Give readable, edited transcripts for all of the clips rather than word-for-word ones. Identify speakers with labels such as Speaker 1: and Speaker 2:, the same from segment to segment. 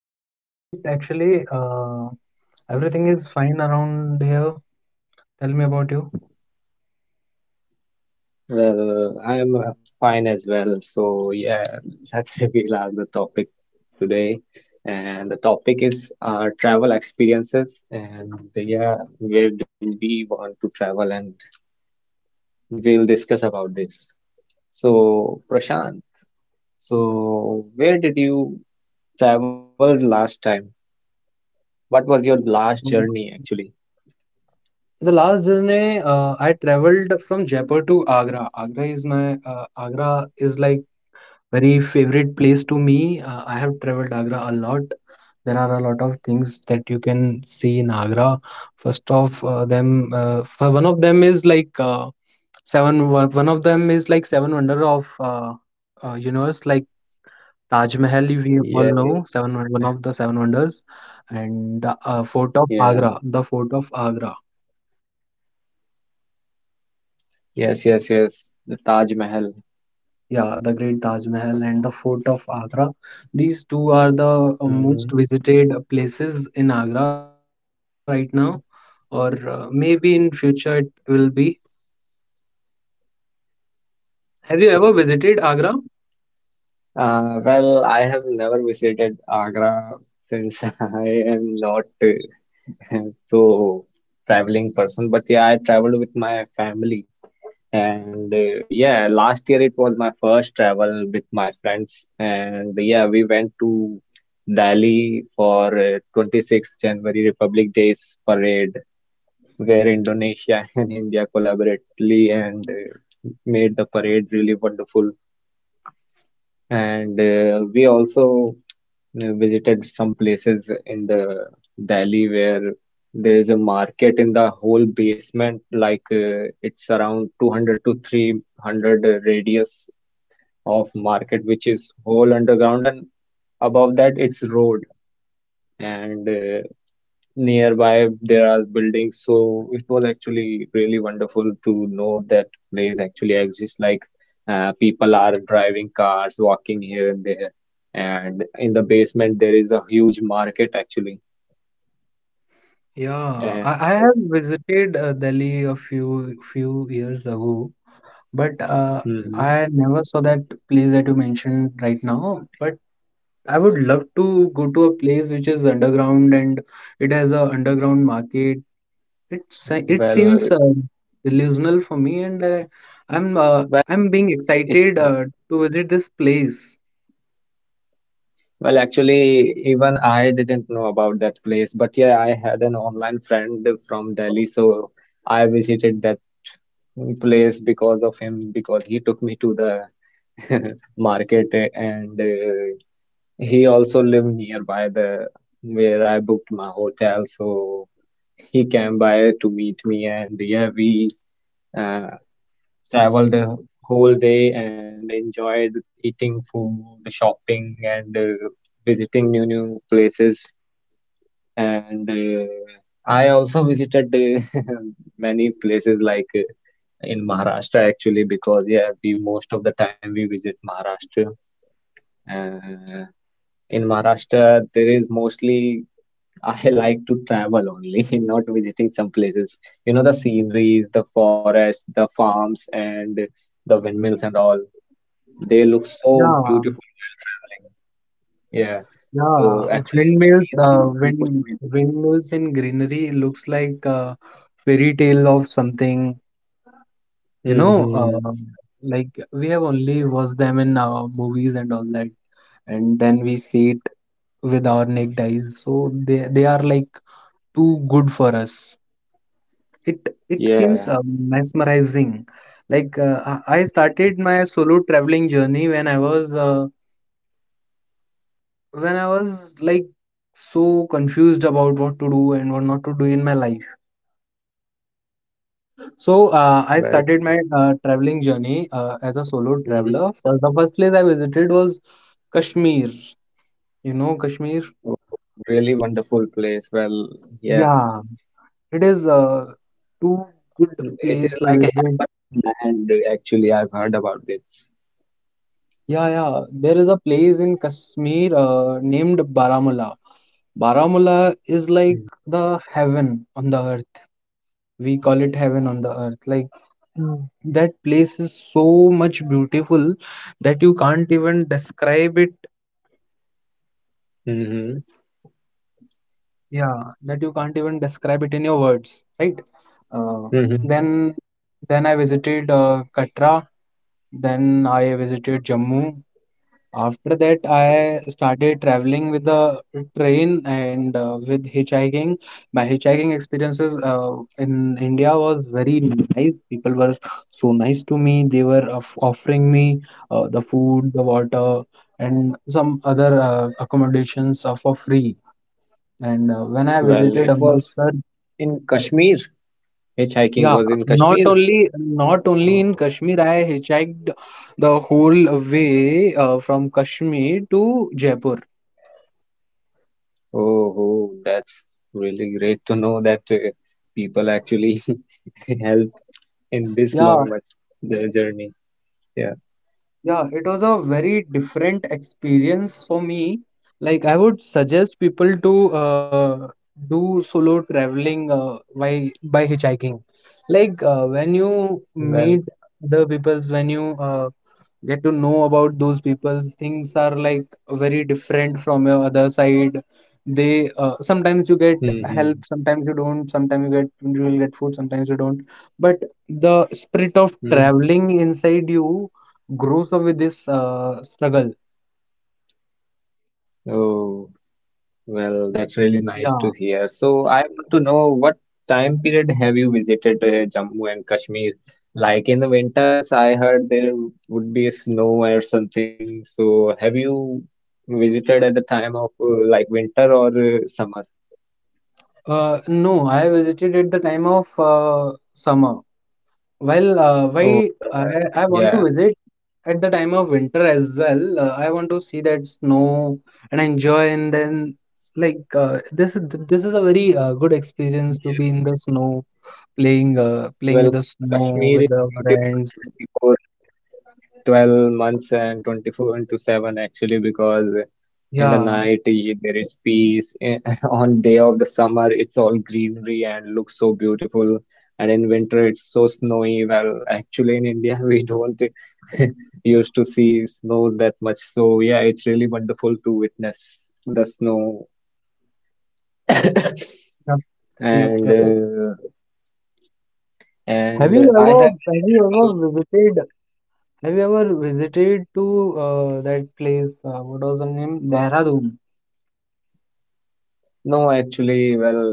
Speaker 1: I'm doing great, actually. Everything is fine around here. Tell me about you.
Speaker 2: Well, I'm fine as well. So, yeah, let's reveal our the topic. Today, and the topic is travel experiences. And yeah, where do we want to travel? And we'll discuss about this. So, Prashant, so where did you travel last time? What was your last
Speaker 1: Mm.
Speaker 2: journey actually?
Speaker 1: The last journey, I traveled from Jaipur to Agra. Agra is my Agra is like very favorite place to me. I have traveled Agra a lot. There are a lot of things that you can see in Agra. First of them, for one of them is like seven. One of them is like seven wonder of universe. Like Taj Mahal, we
Speaker 2: Yeah,
Speaker 1: all
Speaker 2: yeah,
Speaker 1: know,
Speaker 2: Taj
Speaker 1: one of
Speaker 2: Mahal.
Speaker 1: the seven wonders, and the fort of
Speaker 2: Yeah,
Speaker 1: Agra.
Speaker 2: yes, yes, yes, the Taj Mahal.
Speaker 1: Yeah, the great Taj Mahal and the fort of Agra. These two are the most
Speaker 2: Mm-hmm.
Speaker 1: visited places in Agra right now, or maybe in future it will be. Have you ever visited
Speaker 2: Okay.
Speaker 1: Agra?
Speaker 2: Well, I have never visited Agra since I am not so traveling person, but yeah, I traveled with my family and yeah, last year it was my first travel with my friends, and yeah, we went to Delhi for 26th January Republic Days parade, where Indonesia and India collaboratively and made the parade really wonderful. And we also visited some places in the Delhi where there is a market in the whole basement, like it's around 200 to 300 radius of market, which is whole underground, and above that it's road. And nearby there are buildings, so it was actually really wonderful to know that place actually exists. Like people are driving cars, walking here and there, and in the basement there is a huge market actually.
Speaker 1: Yeah,
Speaker 2: And
Speaker 1: I have visited Delhi a few years ago, but
Speaker 2: mhm,
Speaker 1: I never saw that place that you mentioned right now. But I would love to go to a place which is underground and it has a underground market. It seems
Speaker 2: well,
Speaker 1: delusional for me, and uh, I'm uh,
Speaker 2: well,
Speaker 1: I'm being
Speaker 2: it
Speaker 1: excited
Speaker 2: is.
Speaker 1: to visit this place.
Speaker 2: Well, actually, even I didn't know about that place, but yeah, I had an online friend from Delhi, so I visited that place because of him, because he took me to the market and he also lived nearby the where I booked my hotel, so he came by to meet me, and yeah, we uh, traveled the whole day and enjoyed eating food, shopping, and visiting new places, and I also visited many places like in Maharashtra actually, because yeah, we most of the time we visit Maharashtra. uh, In Maharashtra, there is mostly I like to travel only, not visiting some places. You know, the sceneries, the forests, the farms, and the windmills and all. They look so
Speaker 1: Yeah,
Speaker 2: beautiful while traveling. Yeah. So
Speaker 1: yeah.
Speaker 2: actually, the scenery is most amazing.
Speaker 1: Windmills in greenery looks like a fairy tale of something. you know
Speaker 2: Hmm.
Speaker 1: um, like we have only watched them in movies and all that, and then we see it with our naked eyes, so they are like too good for us. It seems
Speaker 2: Yeah.
Speaker 1: mesmerizing. Like I started
Speaker 2: Hmm.
Speaker 1: my solo traveling journey when I was like so confused about what to do and what not to do in my life. So I started
Speaker 2: Well.
Speaker 1: my traveling journey as a solo
Speaker 2: Hmm.
Speaker 1: traveler. First, the first place I visited was Kashmir. You know Kashmir?
Speaker 2: Oh, really wonderful place. Well, yeah.
Speaker 1: Yeah, it is too good
Speaker 2: It is
Speaker 1: place to
Speaker 2: like a
Speaker 1: visit.
Speaker 2: heaven on the land, actually. I've heard about this.
Speaker 1: Yeah, yeah. There is a place in Kashmir named Baramulla. Baramulla is like the heaven on the earth. We call it heaven on the earth. Like Mm. that place is so much beautiful that you can't even describe it.
Speaker 2: Hmm.
Speaker 1: Yeah, that you can't even describe it in your words, right? Uh,
Speaker 2: Mhm.
Speaker 1: then, then I visited Katra. Then I visited Jammu. After that, I
Speaker 2: Mhm.
Speaker 1: started traveling with the train and with hitchhiking. My hitchhiking experiences in India was very nice. People were so nice to me. They were offering me the food, the water, and some other accommodations for free. And when I
Speaker 2: Well,
Speaker 1: visited
Speaker 2: it was
Speaker 1: Amritsar,
Speaker 2: in Kashmir. Hitchhiking
Speaker 1: yeah,
Speaker 2: was in
Speaker 1: not
Speaker 2: Kashmir.
Speaker 1: only not only in
Speaker 2: Oh,
Speaker 1: Kashmir, I hitchhiked the whole way from Kashmir to Jaipur.
Speaker 2: oh, oh, that's really great to know that people actually help in this
Speaker 1: Yeah,
Speaker 2: long much the journey. Yeah.
Speaker 1: yeah, it was a very different experience for me. Like I would suggest people to do solo traveling by hitchhiking. Like when you
Speaker 2: Well.
Speaker 1: meet other peoples, when you get to know about those people's, things are like very different from your other side. They, sometimes you get
Speaker 2: Mm-hmm.
Speaker 1: help, sometimes you don't, sometimes you will get food, sometimes you don't, but the spirit of
Speaker 2: Mm-hmm.
Speaker 1: traveling inside you grows up with this struggle.
Speaker 2: Oh. Well, that's really nice to
Speaker 1: Yeah.
Speaker 2: hear. So, I want to know what time period have you visited Jammu and Kashmir? Like in the winters, I heard there would be snow or something. So, have you visited at the time of like winter or summer?
Speaker 1: No, I visited at the time of summer. Well, why
Speaker 2: Oh,
Speaker 1: I,
Speaker 2: summer.
Speaker 1: I want to
Speaker 2: Yeah.
Speaker 1: visit at the time of winter as well. I want to see that snow and enjoy, and then like this is a very good experience to be in
Speaker 2: Yeah.
Speaker 1: the snow, playing playing with
Speaker 2: Well,
Speaker 1: the snow
Speaker 2: Kashmir is
Speaker 1: with the
Speaker 2: beautiful twenty
Speaker 1: friends.
Speaker 2: four twelve months and 24 into 7 actually, because in the
Speaker 1: Yeah.
Speaker 2: night eh, there is peace. In on day of the summer it's all greenery and looks so beautiful, and in winter it's so snowy. Well, actually in India we don't used to see snow that much, so yeah, it's really wonderful to witness the snow.
Speaker 1: Yep. Yep.
Speaker 2: And
Speaker 1: Yep. have you
Speaker 2: and I
Speaker 1: ever
Speaker 2: have
Speaker 1: have you
Speaker 2: visited,
Speaker 1: ever
Speaker 2: well,
Speaker 1: visited have you ever visited to that place, what was the name? Dehradun?
Speaker 2: no, actually, well,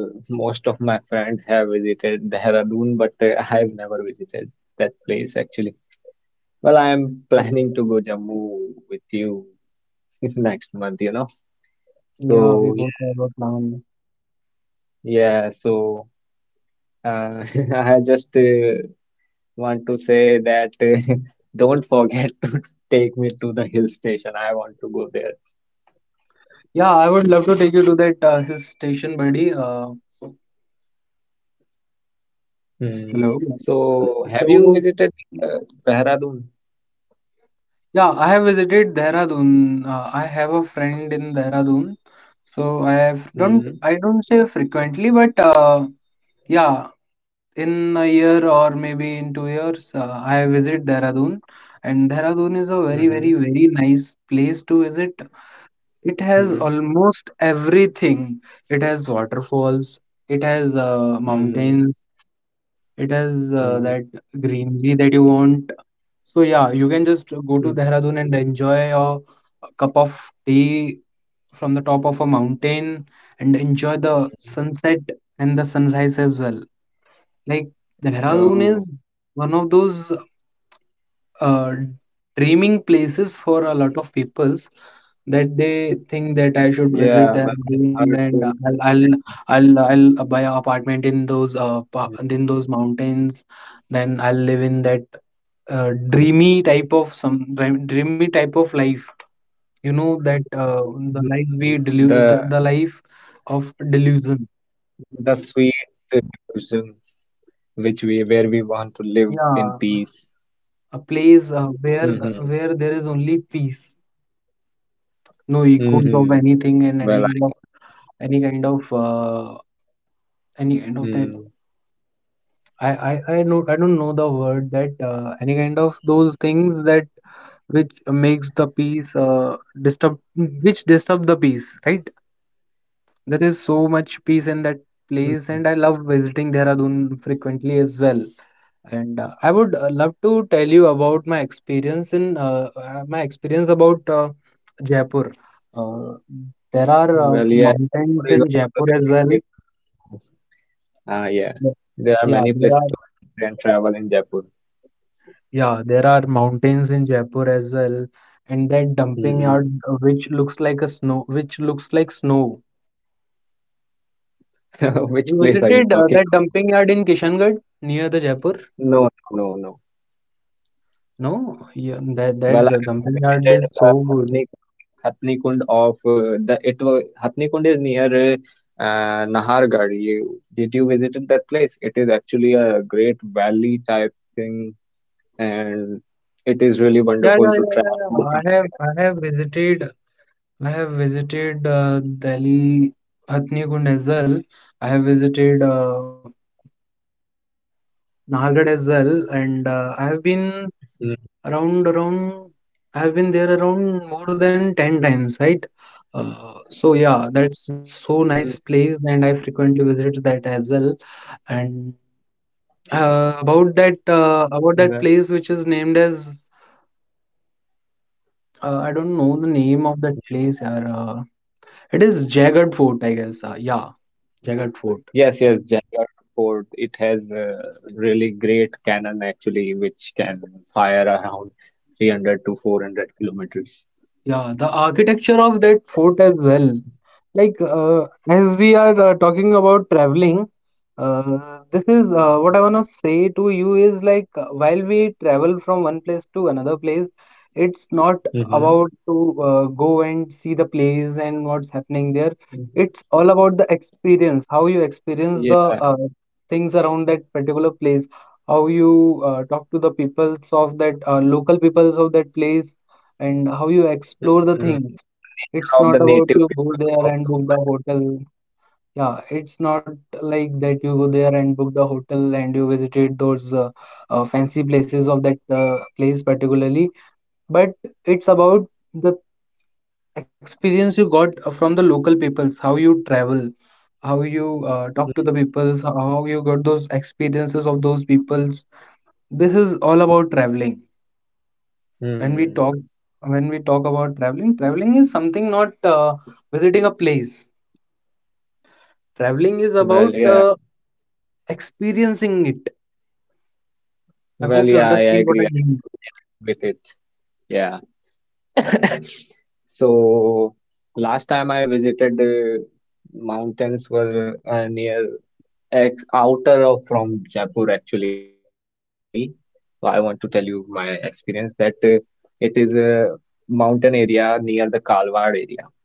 Speaker 2: most of my friends have visited Dehradun, but I have never visited that place actually. Well, I am planning to go Jammu with you next month, you know.
Speaker 1: Yeah, we
Speaker 2: So
Speaker 1: both
Speaker 2: yeah,
Speaker 1: have a plan.
Speaker 2: yeah. So uh, I just want to say that don't forget to take me to the hill station. I want to go there.
Speaker 1: Yeah, I would love to take you to that hill station, buddy.
Speaker 2: Hmm.
Speaker 1: Hello.
Speaker 2: So have you
Speaker 1: So
Speaker 2: visited the Dehradun?
Speaker 1: yeah, I have visited Dehradun. I have a friend in Dehradun. So I have don't
Speaker 2: Hmm.
Speaker 1: I don't say frequently, but yeah, in a year or maybe in 2 years, I visit Dehradun, and Dehradun is a very very
Speaker 2: Hmm.
Speaker 1: very nice place to visit. It has
Speaker 2: Hmm.
Speaker 1: almost everything. It has waterfalls. It has
Speaker 2: Hmm.
Speaker 1: mountains. It has that
Speaker 2: Hmm.
Speaker 1: greenery that you want. So yeah, you can just go to
Speaker 2: Hmm.
Speaker 1: Dehradun and enjoy your cup of tea from the top of a mountain and enjoy the
Speaker 2: Hmm.
Speaker 1: sunset and the sunrise as well. Like Dehradun
Speaker 2: Oh,
Speaker 1: is one of those uh, dreaming places for a lot of peoples that they think that I should
Speaker 2: yeah.
Speaker 1: visit
Speaker 2: Well,
Speaker 1: their
Speaker 2: I've
Speaker 1: home,
Speaker 2: heard so
Speaker 1: and uh,
Speaker 2: much
Speaker 1: I'll
Speaker 2: about
Speaker 1: I'll
Speaker 2: it.
Speaker 1: I'll, I'll uh, buy an apartment in those
Speaker 2: Hmm.
Speaker 1: in those mountains. Then I'll live in that dreamy type of some dreamy type of life. You
Speaker 2: Hmm.
Speaker 1: know that
Speaker 2: the
Speaker 1: the life we the life of
Speaker 2: the
Speaker 1: delusion.
Speaker 2: sweet delusion which we where we want to live in peace.
Speaker 1: Yeah, a place
Speaker 2: Hmm.
Speaker 1: where there is only peace, no
Speaker 2: Hmm.
Speaker 1: echoes of anything
Speaker 2: Well, I
Speaker 1: and
Speaker 2: can
Speaker 1: any of
Speaker 2: understand this.
Speaker 1: any kind of any kind
Speaker 2: Mm.
Speaker 1: of that. I don't know the word that, any kind of those things that, which makes the peace disturb, which disturb the peace, right? There is so much peace in that
Speaker 2: Hmm.
Speaker 1: place, and I love visiting Dehradun frequently as well. And I would love to tell you about my experience about Jaipur. Uh, there are
Speaker 2: Well, yeah, Jaipur
Speaker 1: mountains
Speaker 2: is
Speaker 1: in
Speaker 2: also
Speaker 1: Jaipur as
Speaker 2: really
Speaker 1: well.
Speaker 2: great place to. Ah, yeah,
Speaker 1: But
Speaker 2: there are
Speaker 1: yeah,
Speaker 2: many places to visit and travel in Jaipur.
Speaker 1: there are mountains in Jaipur as well, and that dumping
Speaker 2: Hmm.
Speaker 1: yard which looks like a snow, which looks like snow.
Speaker 2: Which
Speaker 1: You
Speaker 2: place are you
Speaker 1: visited
Speaker 2: talking
Speaker 1: that
Speaker 2: about?
Speaker 1: dumping yard in Kishangarh near the Jaipur?
Speaker 2: No, no, no, no.
Speaker 1: No, yeah, that
Speaker 2: Well,
Speaker 1: the
Speaker 2: I have
Speaker 1: dumping yard
Speaker 2: visited
Speaker 1: is so
Speaker 2: the
Speaker 1: good.
Speaker 2: Hathni Kund, Hathni Kund of the it was Hathni Kund is near Nahargarh. You, did you visited that place? It is actually a great valley type thing, and it is really
Speaker 1: Yeah,
Speaker 2: wonderful to
Speaker 1: yeah, yeah, yeah, yeah.
Speaker 2: track
Speaker 1: I have
Speaker 2: there.
Speaker 1: I have visited I have visited Delhi Hathnikund as well. I have visited
Speaker 2: Hmm.
Speaker 1: Nahargad as well, and I have been
Speaker 2: Hmm.
Speaker 1: around. I have been there around more than 10 times, right? So yeah,
Speaker 2: Hmm.
Speaker 1: that's so nice place, and I frequently visit that as well. And
Speaker 2: Well,
Speaker 1: about that place which is named as, I don't know the name
Speaker 2: yes.
Speaker 1: of that place. Yaar. It is Jagged Fort, I guess. Yeah, Jagged
Speaker 2: Yes,
Speaker 1: Fort.
Speaker 2: yes, Jaigarh Fort. It has a really great cannon actually, which can fire around 300 to 400 kilometers.
Speaker 1: Yeah, the architecture of
Speaker 2: Yeah,
Speaker 1: that
Speaker 2: yeah.
Speaker 1: fort as well. Like as we are talking about traveling, this is
Speaker 2: Yeah.
Speaker 1: what I want to say to you is like while we travel from one place to another place, it's not
Speaker 2: Mm-hmm.
Speaker 1: about to go and see the place and what's happening there. It's all about the experience, how you experience the
Speaker 2: Yeah.
Speaker 1: uh, things around that particular place, how you talk to the peoples of that local peoples of that place, and how you explore the things.
Speaker 2: Mm-hmm. The nature
Speaker 1: It's
Speaker 2: of
Speaker 1: not
Speaker 2: the
Speaker 1: about
Speaker 2: native
Speaker 1: you go
Speaker 2: people
Speaker 1: there and
Speaker 2: also
Speaker 1: book the
Speaker 2: matters.
Speaker 1: hotel. Yeah, it's not like that you go there and book the hotel, and you visited those fancy places of that place particularly, but it's about the experience you got from the local peoples, how you travel, how you talk to the peoples,
Speaker 2: Mm-hmm.
Speaker 1: how you got those experiences of those peoples. This is all about traveling. When we
Speaker 2: Hmm.
Speaker 1: talk when we talk about traveling, traveling is something not visiting a place. Traveling is
Speaker 2: Well,
Speaker 1: about
Speaker 2: yeah.
Speaker 1: experiencing it. I
Speaker 2: Well,
Speaker 1: hope you
Speaker 2: yeah, I
Speaker 1: understand what
Speaker 2: agree.
Speaker 1: I
Speaker 2: I
Speaker 1: mean.
Speaker 2: totally agree with it. Yeah. So last time I visited the mountains were near ex outer of from Jaipur actually. So I want to tell you my experience that it is a mountain area near the Kalwar area.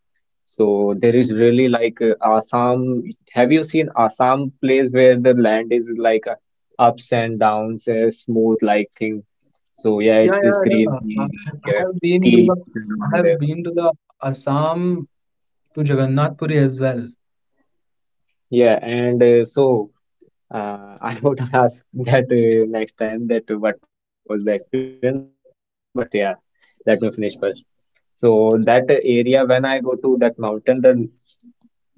Speaker 2: So there is really like Assam. Have you seen Assam place where the land is like ups and downs, smooth like thing? So yeah,
Speaker 1: Yeah,
Speaker 2: it is
Speaker 1: yeah, yeah.
Speaker 2: greeneries and
Speaker 1: I
Speaker 2: yeah,
Speaker 1: have been
Speaker 2: tea
Speaker 1: to the
Speaker 2: leaves and all
Speaker 1: I have
Speaker 2: there.
Speaker 1: been to the Assam to Jagannath Puri as well.
Speaker 2: Yeah, and so I would ask that next time that what was the experience, but yeah, let me finish first. So that area, when I go to that mountain, then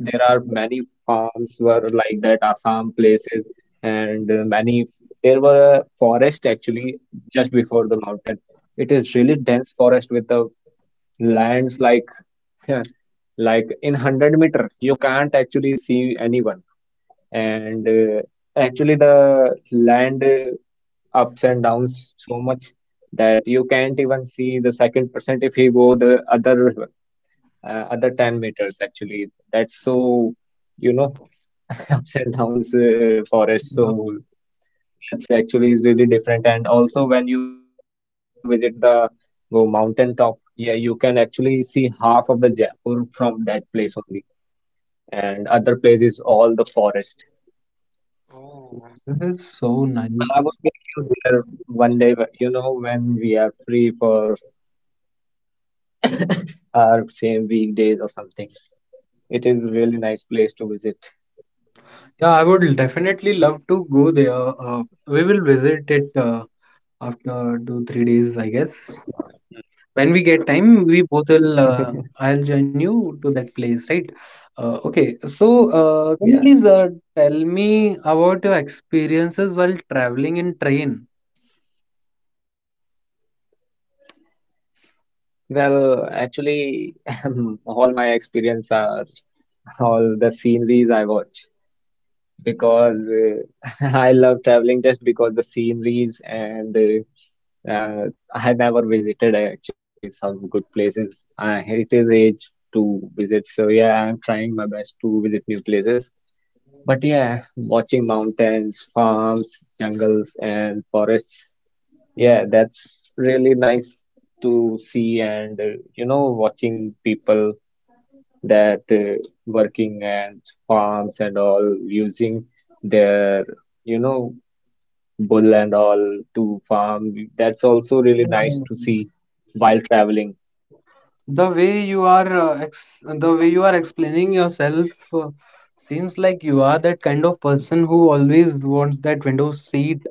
Speaker 2: there are many farms were like that, Assam places, and many there were a forest actually just before the mountain. It is really dense forest with the lands like like in 100 meter you can't actually see anyone, and actually the land ups and downs so much that you can't even see the second percent if he go the other uh, other 10 meters actually, that's so you know ups and downs forest,
Speaker 1: Yeah.
Speaker 2: so that's actually is really different. And also when you visit the go mountain top, yeah, you can actually see half of the Jaipur from that place only, and other place is all the forest.
Speaker 1: Oh. This is so
Speaker 2: Well, I
Speaker 1: nice.
Speaker 2: would take you there one day, but, you know, when we are free for or same weekdays or something. It is really nice place to visit.
Speaker 1: Yeah, I would definitely love to go there. We will visit it after 2, 3 days, I
Speaker 2: Mm.
Speaker 1: guess. When we get time, we both will. I'll join you to that place, right? Okay, so
Speaker 2: Yeah.
Speaker 1: can you please tell me about your experiences while traveling in train.
Speaker 2: Well, actually, all my experience are all the sceneries I watch, because I love traveling just because the sceneries, and I never visited actually some good places. It is age to visit, so yeah, I'm trying my best to visit new places. But yeah, watching mountains, farms, jungles, and forests, yeah, that's really nice to see. And you know, watching people that working and farms and all using their, you know, bull and all to farm, that's also really nice
Speaker 1: Um,
Speaker 2: to see while traveling.
Speaker 1: the way you are uh, ex the way you are explaining yourself uh, seems like you are that kind of person who always wants that window seat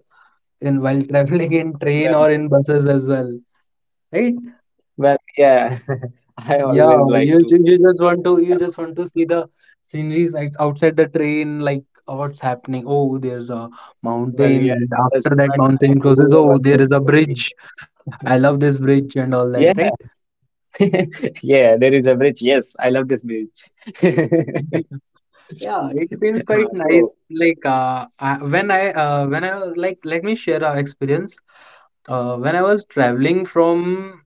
Speaker 1: in while traveling in train
Speaker 2: Well,
Speaker 1: or in
Speaker 2: yeah,
Speaker 1: buses as well, right?
Speaker 2: well, yeah, I
Speaker 1: Yeah,
Speaker 2: always like
Speaker 1: you, ju-
Speaker 2: to
Speaker 1: you just want
Speaker 2: have
Speaker 1: to
Speaker 2: a window seat.
Speaker 1: see the sceneries outside the train, like what's happening. Oh, there's a
Speaker 2: Well, yeah,
Speaker 1: mountain,
Speaker 2: it
Speaker 1: and
Speaker 2: doesn't
Speaker 1: after that
Speaker 2: matter
Speaker 1: mountain crosses,
Speaker 2: whoever
Speaker 1: oh, there
Speaker 2: sitting
Speaker 1: is a
Speaker 2: with me.
Speaker 1: bridge. I love this bridge and all that, right?
Speaker 2: Yeah, yeah, there is a bridge. Yes, I love this bridge.
Speaker 1: Yeah, it seems quite
Speaker 2: Ah, so,
Speaker 1: nice. Like I, when I
Speaker 2: mm-hmm,
Speaker 1: when I was like, let me share our experience. When I was traveling from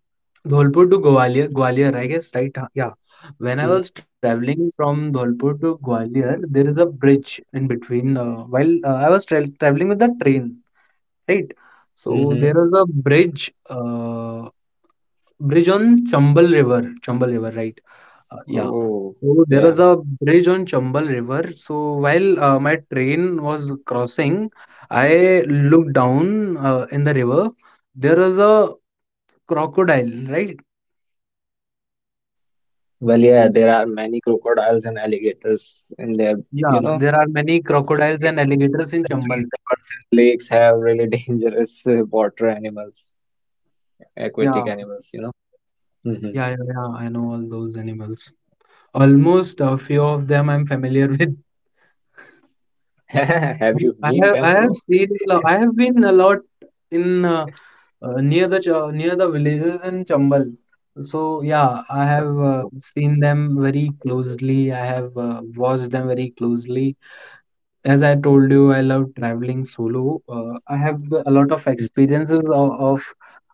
Speaker 1: Dholpur to Gwalior, Gwalior, I guess, right? Yeah. When I was traveling from Dholpur to Gwalior, there is a bridge in between. While I was traveling with the train, right? So
Speaker 2: mm-hmm.
Speaker 1: there was a bridge, on Chambal River, right? Yeah.
Speaker 2: Oh,
Speaker 1: So there
Speaker 2: yeah.
Speaker 1: was a bridge on Chambal River. So while my train was crossing, I looked down in the river. There was a crocodile, right?
Speaker 2: Well, yeah, there are many crocodiles and alligators in there. You
Speaker 1: Yeah,
Speaker 2: know,
Speaker 1: there are many
Speaker 2: the
Speaker 1: crocodiles and
Speaker 2: sweet,
Speaker 1: alligators in
Speaker 2: the
Speaker 1: Chambal.
Speaker 2: sweet rivers and lakes have really dangerous water animals,
Speaker 1: Yeah,
Speaker 2: aquatic animals. You know.
Speaker 1: yeah,
Speaker 2: Mm-hmm.
Speaker 1: yeah, yeah, I know all those animals. Almost a few of them I'm familiar with.
Speaker 2: Have
Speaker 1: I
Speaker 2: you
Speaker 1: have I
Speaker 2: meet them,
Speaker 1: have
Speaker 2: bro?
Speaker 1: seen a I have been a lot in near the near the villages in Chambal. So yeah, I have
Speaker 2: Oh.
Speaker 1: seen them very closely. I have watched them very closely. As I told you, I love traveling solo. I have a lot of experiences of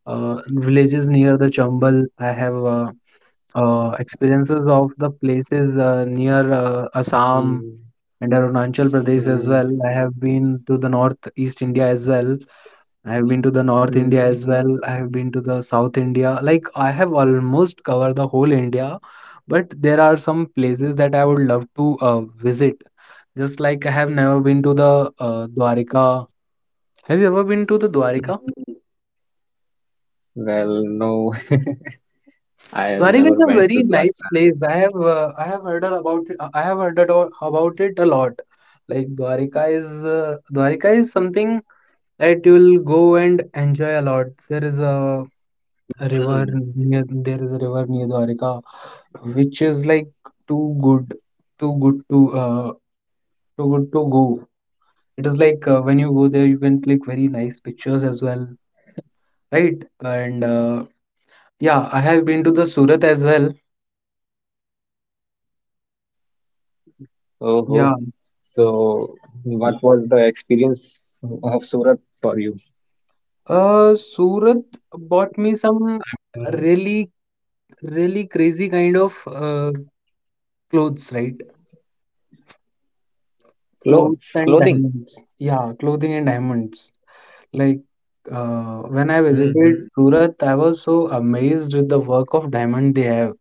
Speaker 1: villages near the Chambal. I have experiences of the places near Assam
Speaker 2: Mm,
Speaker 1: and Arunachal Pradesh as well. I
Speaker 2: mm,
Speaker 1: have been to the North East India as well. I have been to the North India as well.
Speaker 2: mm,
Speaker 1: I have been to the South India. Like I have almost covered the whole India, but there are some places that I would love to visit. Just like I have never been to the Dwarka. Have you ever been to the Dwarka?
Speaker 2: hmm. Well, no,
Speaker 1: Dwarka is
Speaker 2: I
Speaker 1: a
Speaker 2: have
Speaker 1: very
Speaker 2: never
Speaker 1: nice
Speaker 2: went to
Speaker 1: place.
Speaker 2: Dwarka.
Speaker 1: I have heard about it, I have heard about it a lot. Like Dwarka is something that you will go and enjoy a lot. There is a river near
Speaker 2: Mm-hmm.
Speaker 1: there is a river near Dwarka, which is like too good, too good to uh too good to go. It is like when you go there, you can click very nice pictures as well, right? And yeah, I have been to the Surat as well.
Speaker 2: Oh,
Speaker 1: Yeah,
Speaker 2: oh. So, what was the experience of Surat for you?
Speaker 1: Surat bought me some
Speaker 2: I mean,
Speaker 1: really really crazy kind of clothes, right? Clothes
Speaker 2: clothes,
Speaker 1: and
Speaker 2: clothing.
Speaker 1: diamonds. Yeah, clothing and diamonds. Like when I visited
Speaker 2: Mm-hmm.
Speaker 1: Surat, I was so amazed with the work of diamond they have.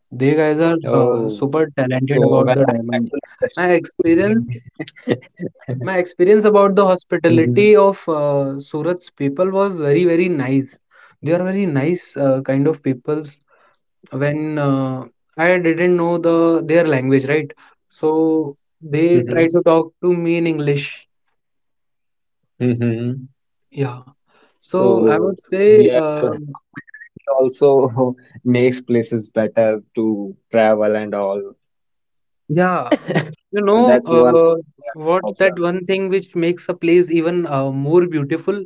Speaker 1: They guys are
Speaker 2: Oh,
Speaker 1: super
Speaker 2: so well,
Speaker 1: talented
Speaker 2: I'm
Speaker 1: about the
Speaker 2: actually
Speaker 1: diamond.
Speaker 2: interested in
Speaker 1: My
Speaker 2: clothing.
Speaker 1: experience, my experience about the
Speaker 2: Mm-hmm.
Speaker 1: hospitality of Surat's people was very very nice. They are very nice kind of peoples. When I didn't know the their language, right? So they
Speaker 2: Mm-hmm.
Speaker 1: try to talk to me in English.
Speaker 2: Mm-hmm.
Speaker 1: Yeah. So I
Speaker 2: So,
Speaker 1: would say,
Speaker 2: yeah, well, hospitality also makes places better to travel and all.
Speaker 1: yeah. You
Speaker 2: Well,
Speaker 1: know,
Speaker 2: that's one thing I have
Speaker 1: what's that
Speaker 2: observed.
Speaker 1: one thing which makes a place even more beautiful?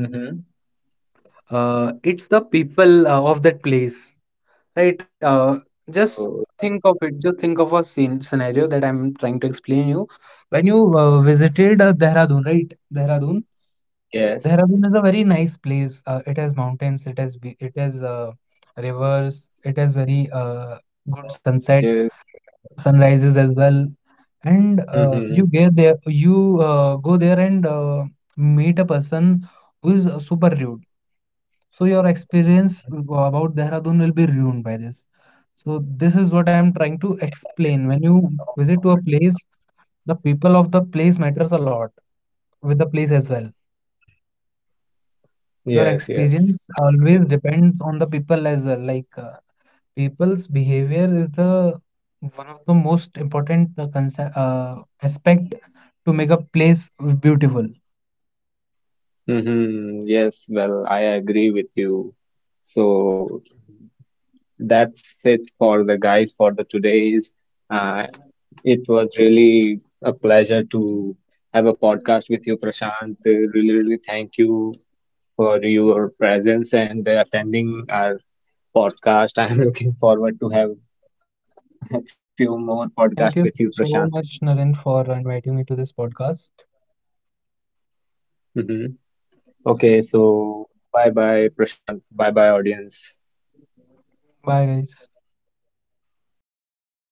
Speaker 2: Mm-hmm.
Speaker 1: It's the people of that place, right? Just
Speaker 2: Oh,
Speaker 1: think
Speaker 2: right.
Speaker 1: of it. Just think of a scene scenario that I'm trying to explain you. When you visited Dehradun, right? Dehradun.
Speaker 2: Yes.
Speaker 1: Dehradun is a very nice place. It has mountains. It has it has rivers. It has very good
Speaker 2: Yeah,
Speaker 1: sunsets,
Speaker 2: bridges.
Speaker 1: sunrises as well, and you
Speaker 2: Hmm,
Speaker 1: get there, you go there and meet a person who is super rude, so your experience
Speaker 2: hmm.
Speaker 1: about Dehradun will be ruined by this. So this is what I'm trying to
Speaker 2: Yeah,
Speaker 1: explain. When you
Speaker 2: this
Speaker 1: visit to a
Speaker 2: also
Speaker 1: place,
Speaker 2: matters something.
Speaker 1: the people of the place matters a lot with the place as well.
Speaker 2: Hmm.
Speaker 1: Your
Speaker 2: Yes, yes,
Speaker 1: experience
Speaker 2: I
Speaker 1: always
Speaker 2: agree.
Speaker 1: depends on the people as well. Like people's behavior is the one of the most important aspect to make a place beautiful.
Speaker 2: Hmm. Yes, well, I agree with you. So that's it for the guys for the today's. Uh, it was really a pleasure to have a podcast with you, Prashant. Really, really thank you. For your presence and attending our podcast. I'm looking forward to have a few more podcasts with
Speaker 1: Thank
Speaker 2: you,
Speaker 1: you
Speaker 2: Prashant.
Speaker 1: so much, Naren, for inviting me to this podcast.
Speaker 2: Hmm. Okay, so bye bye, Prashant. Bye bye, audience.
Speaker 1: Bye, guys.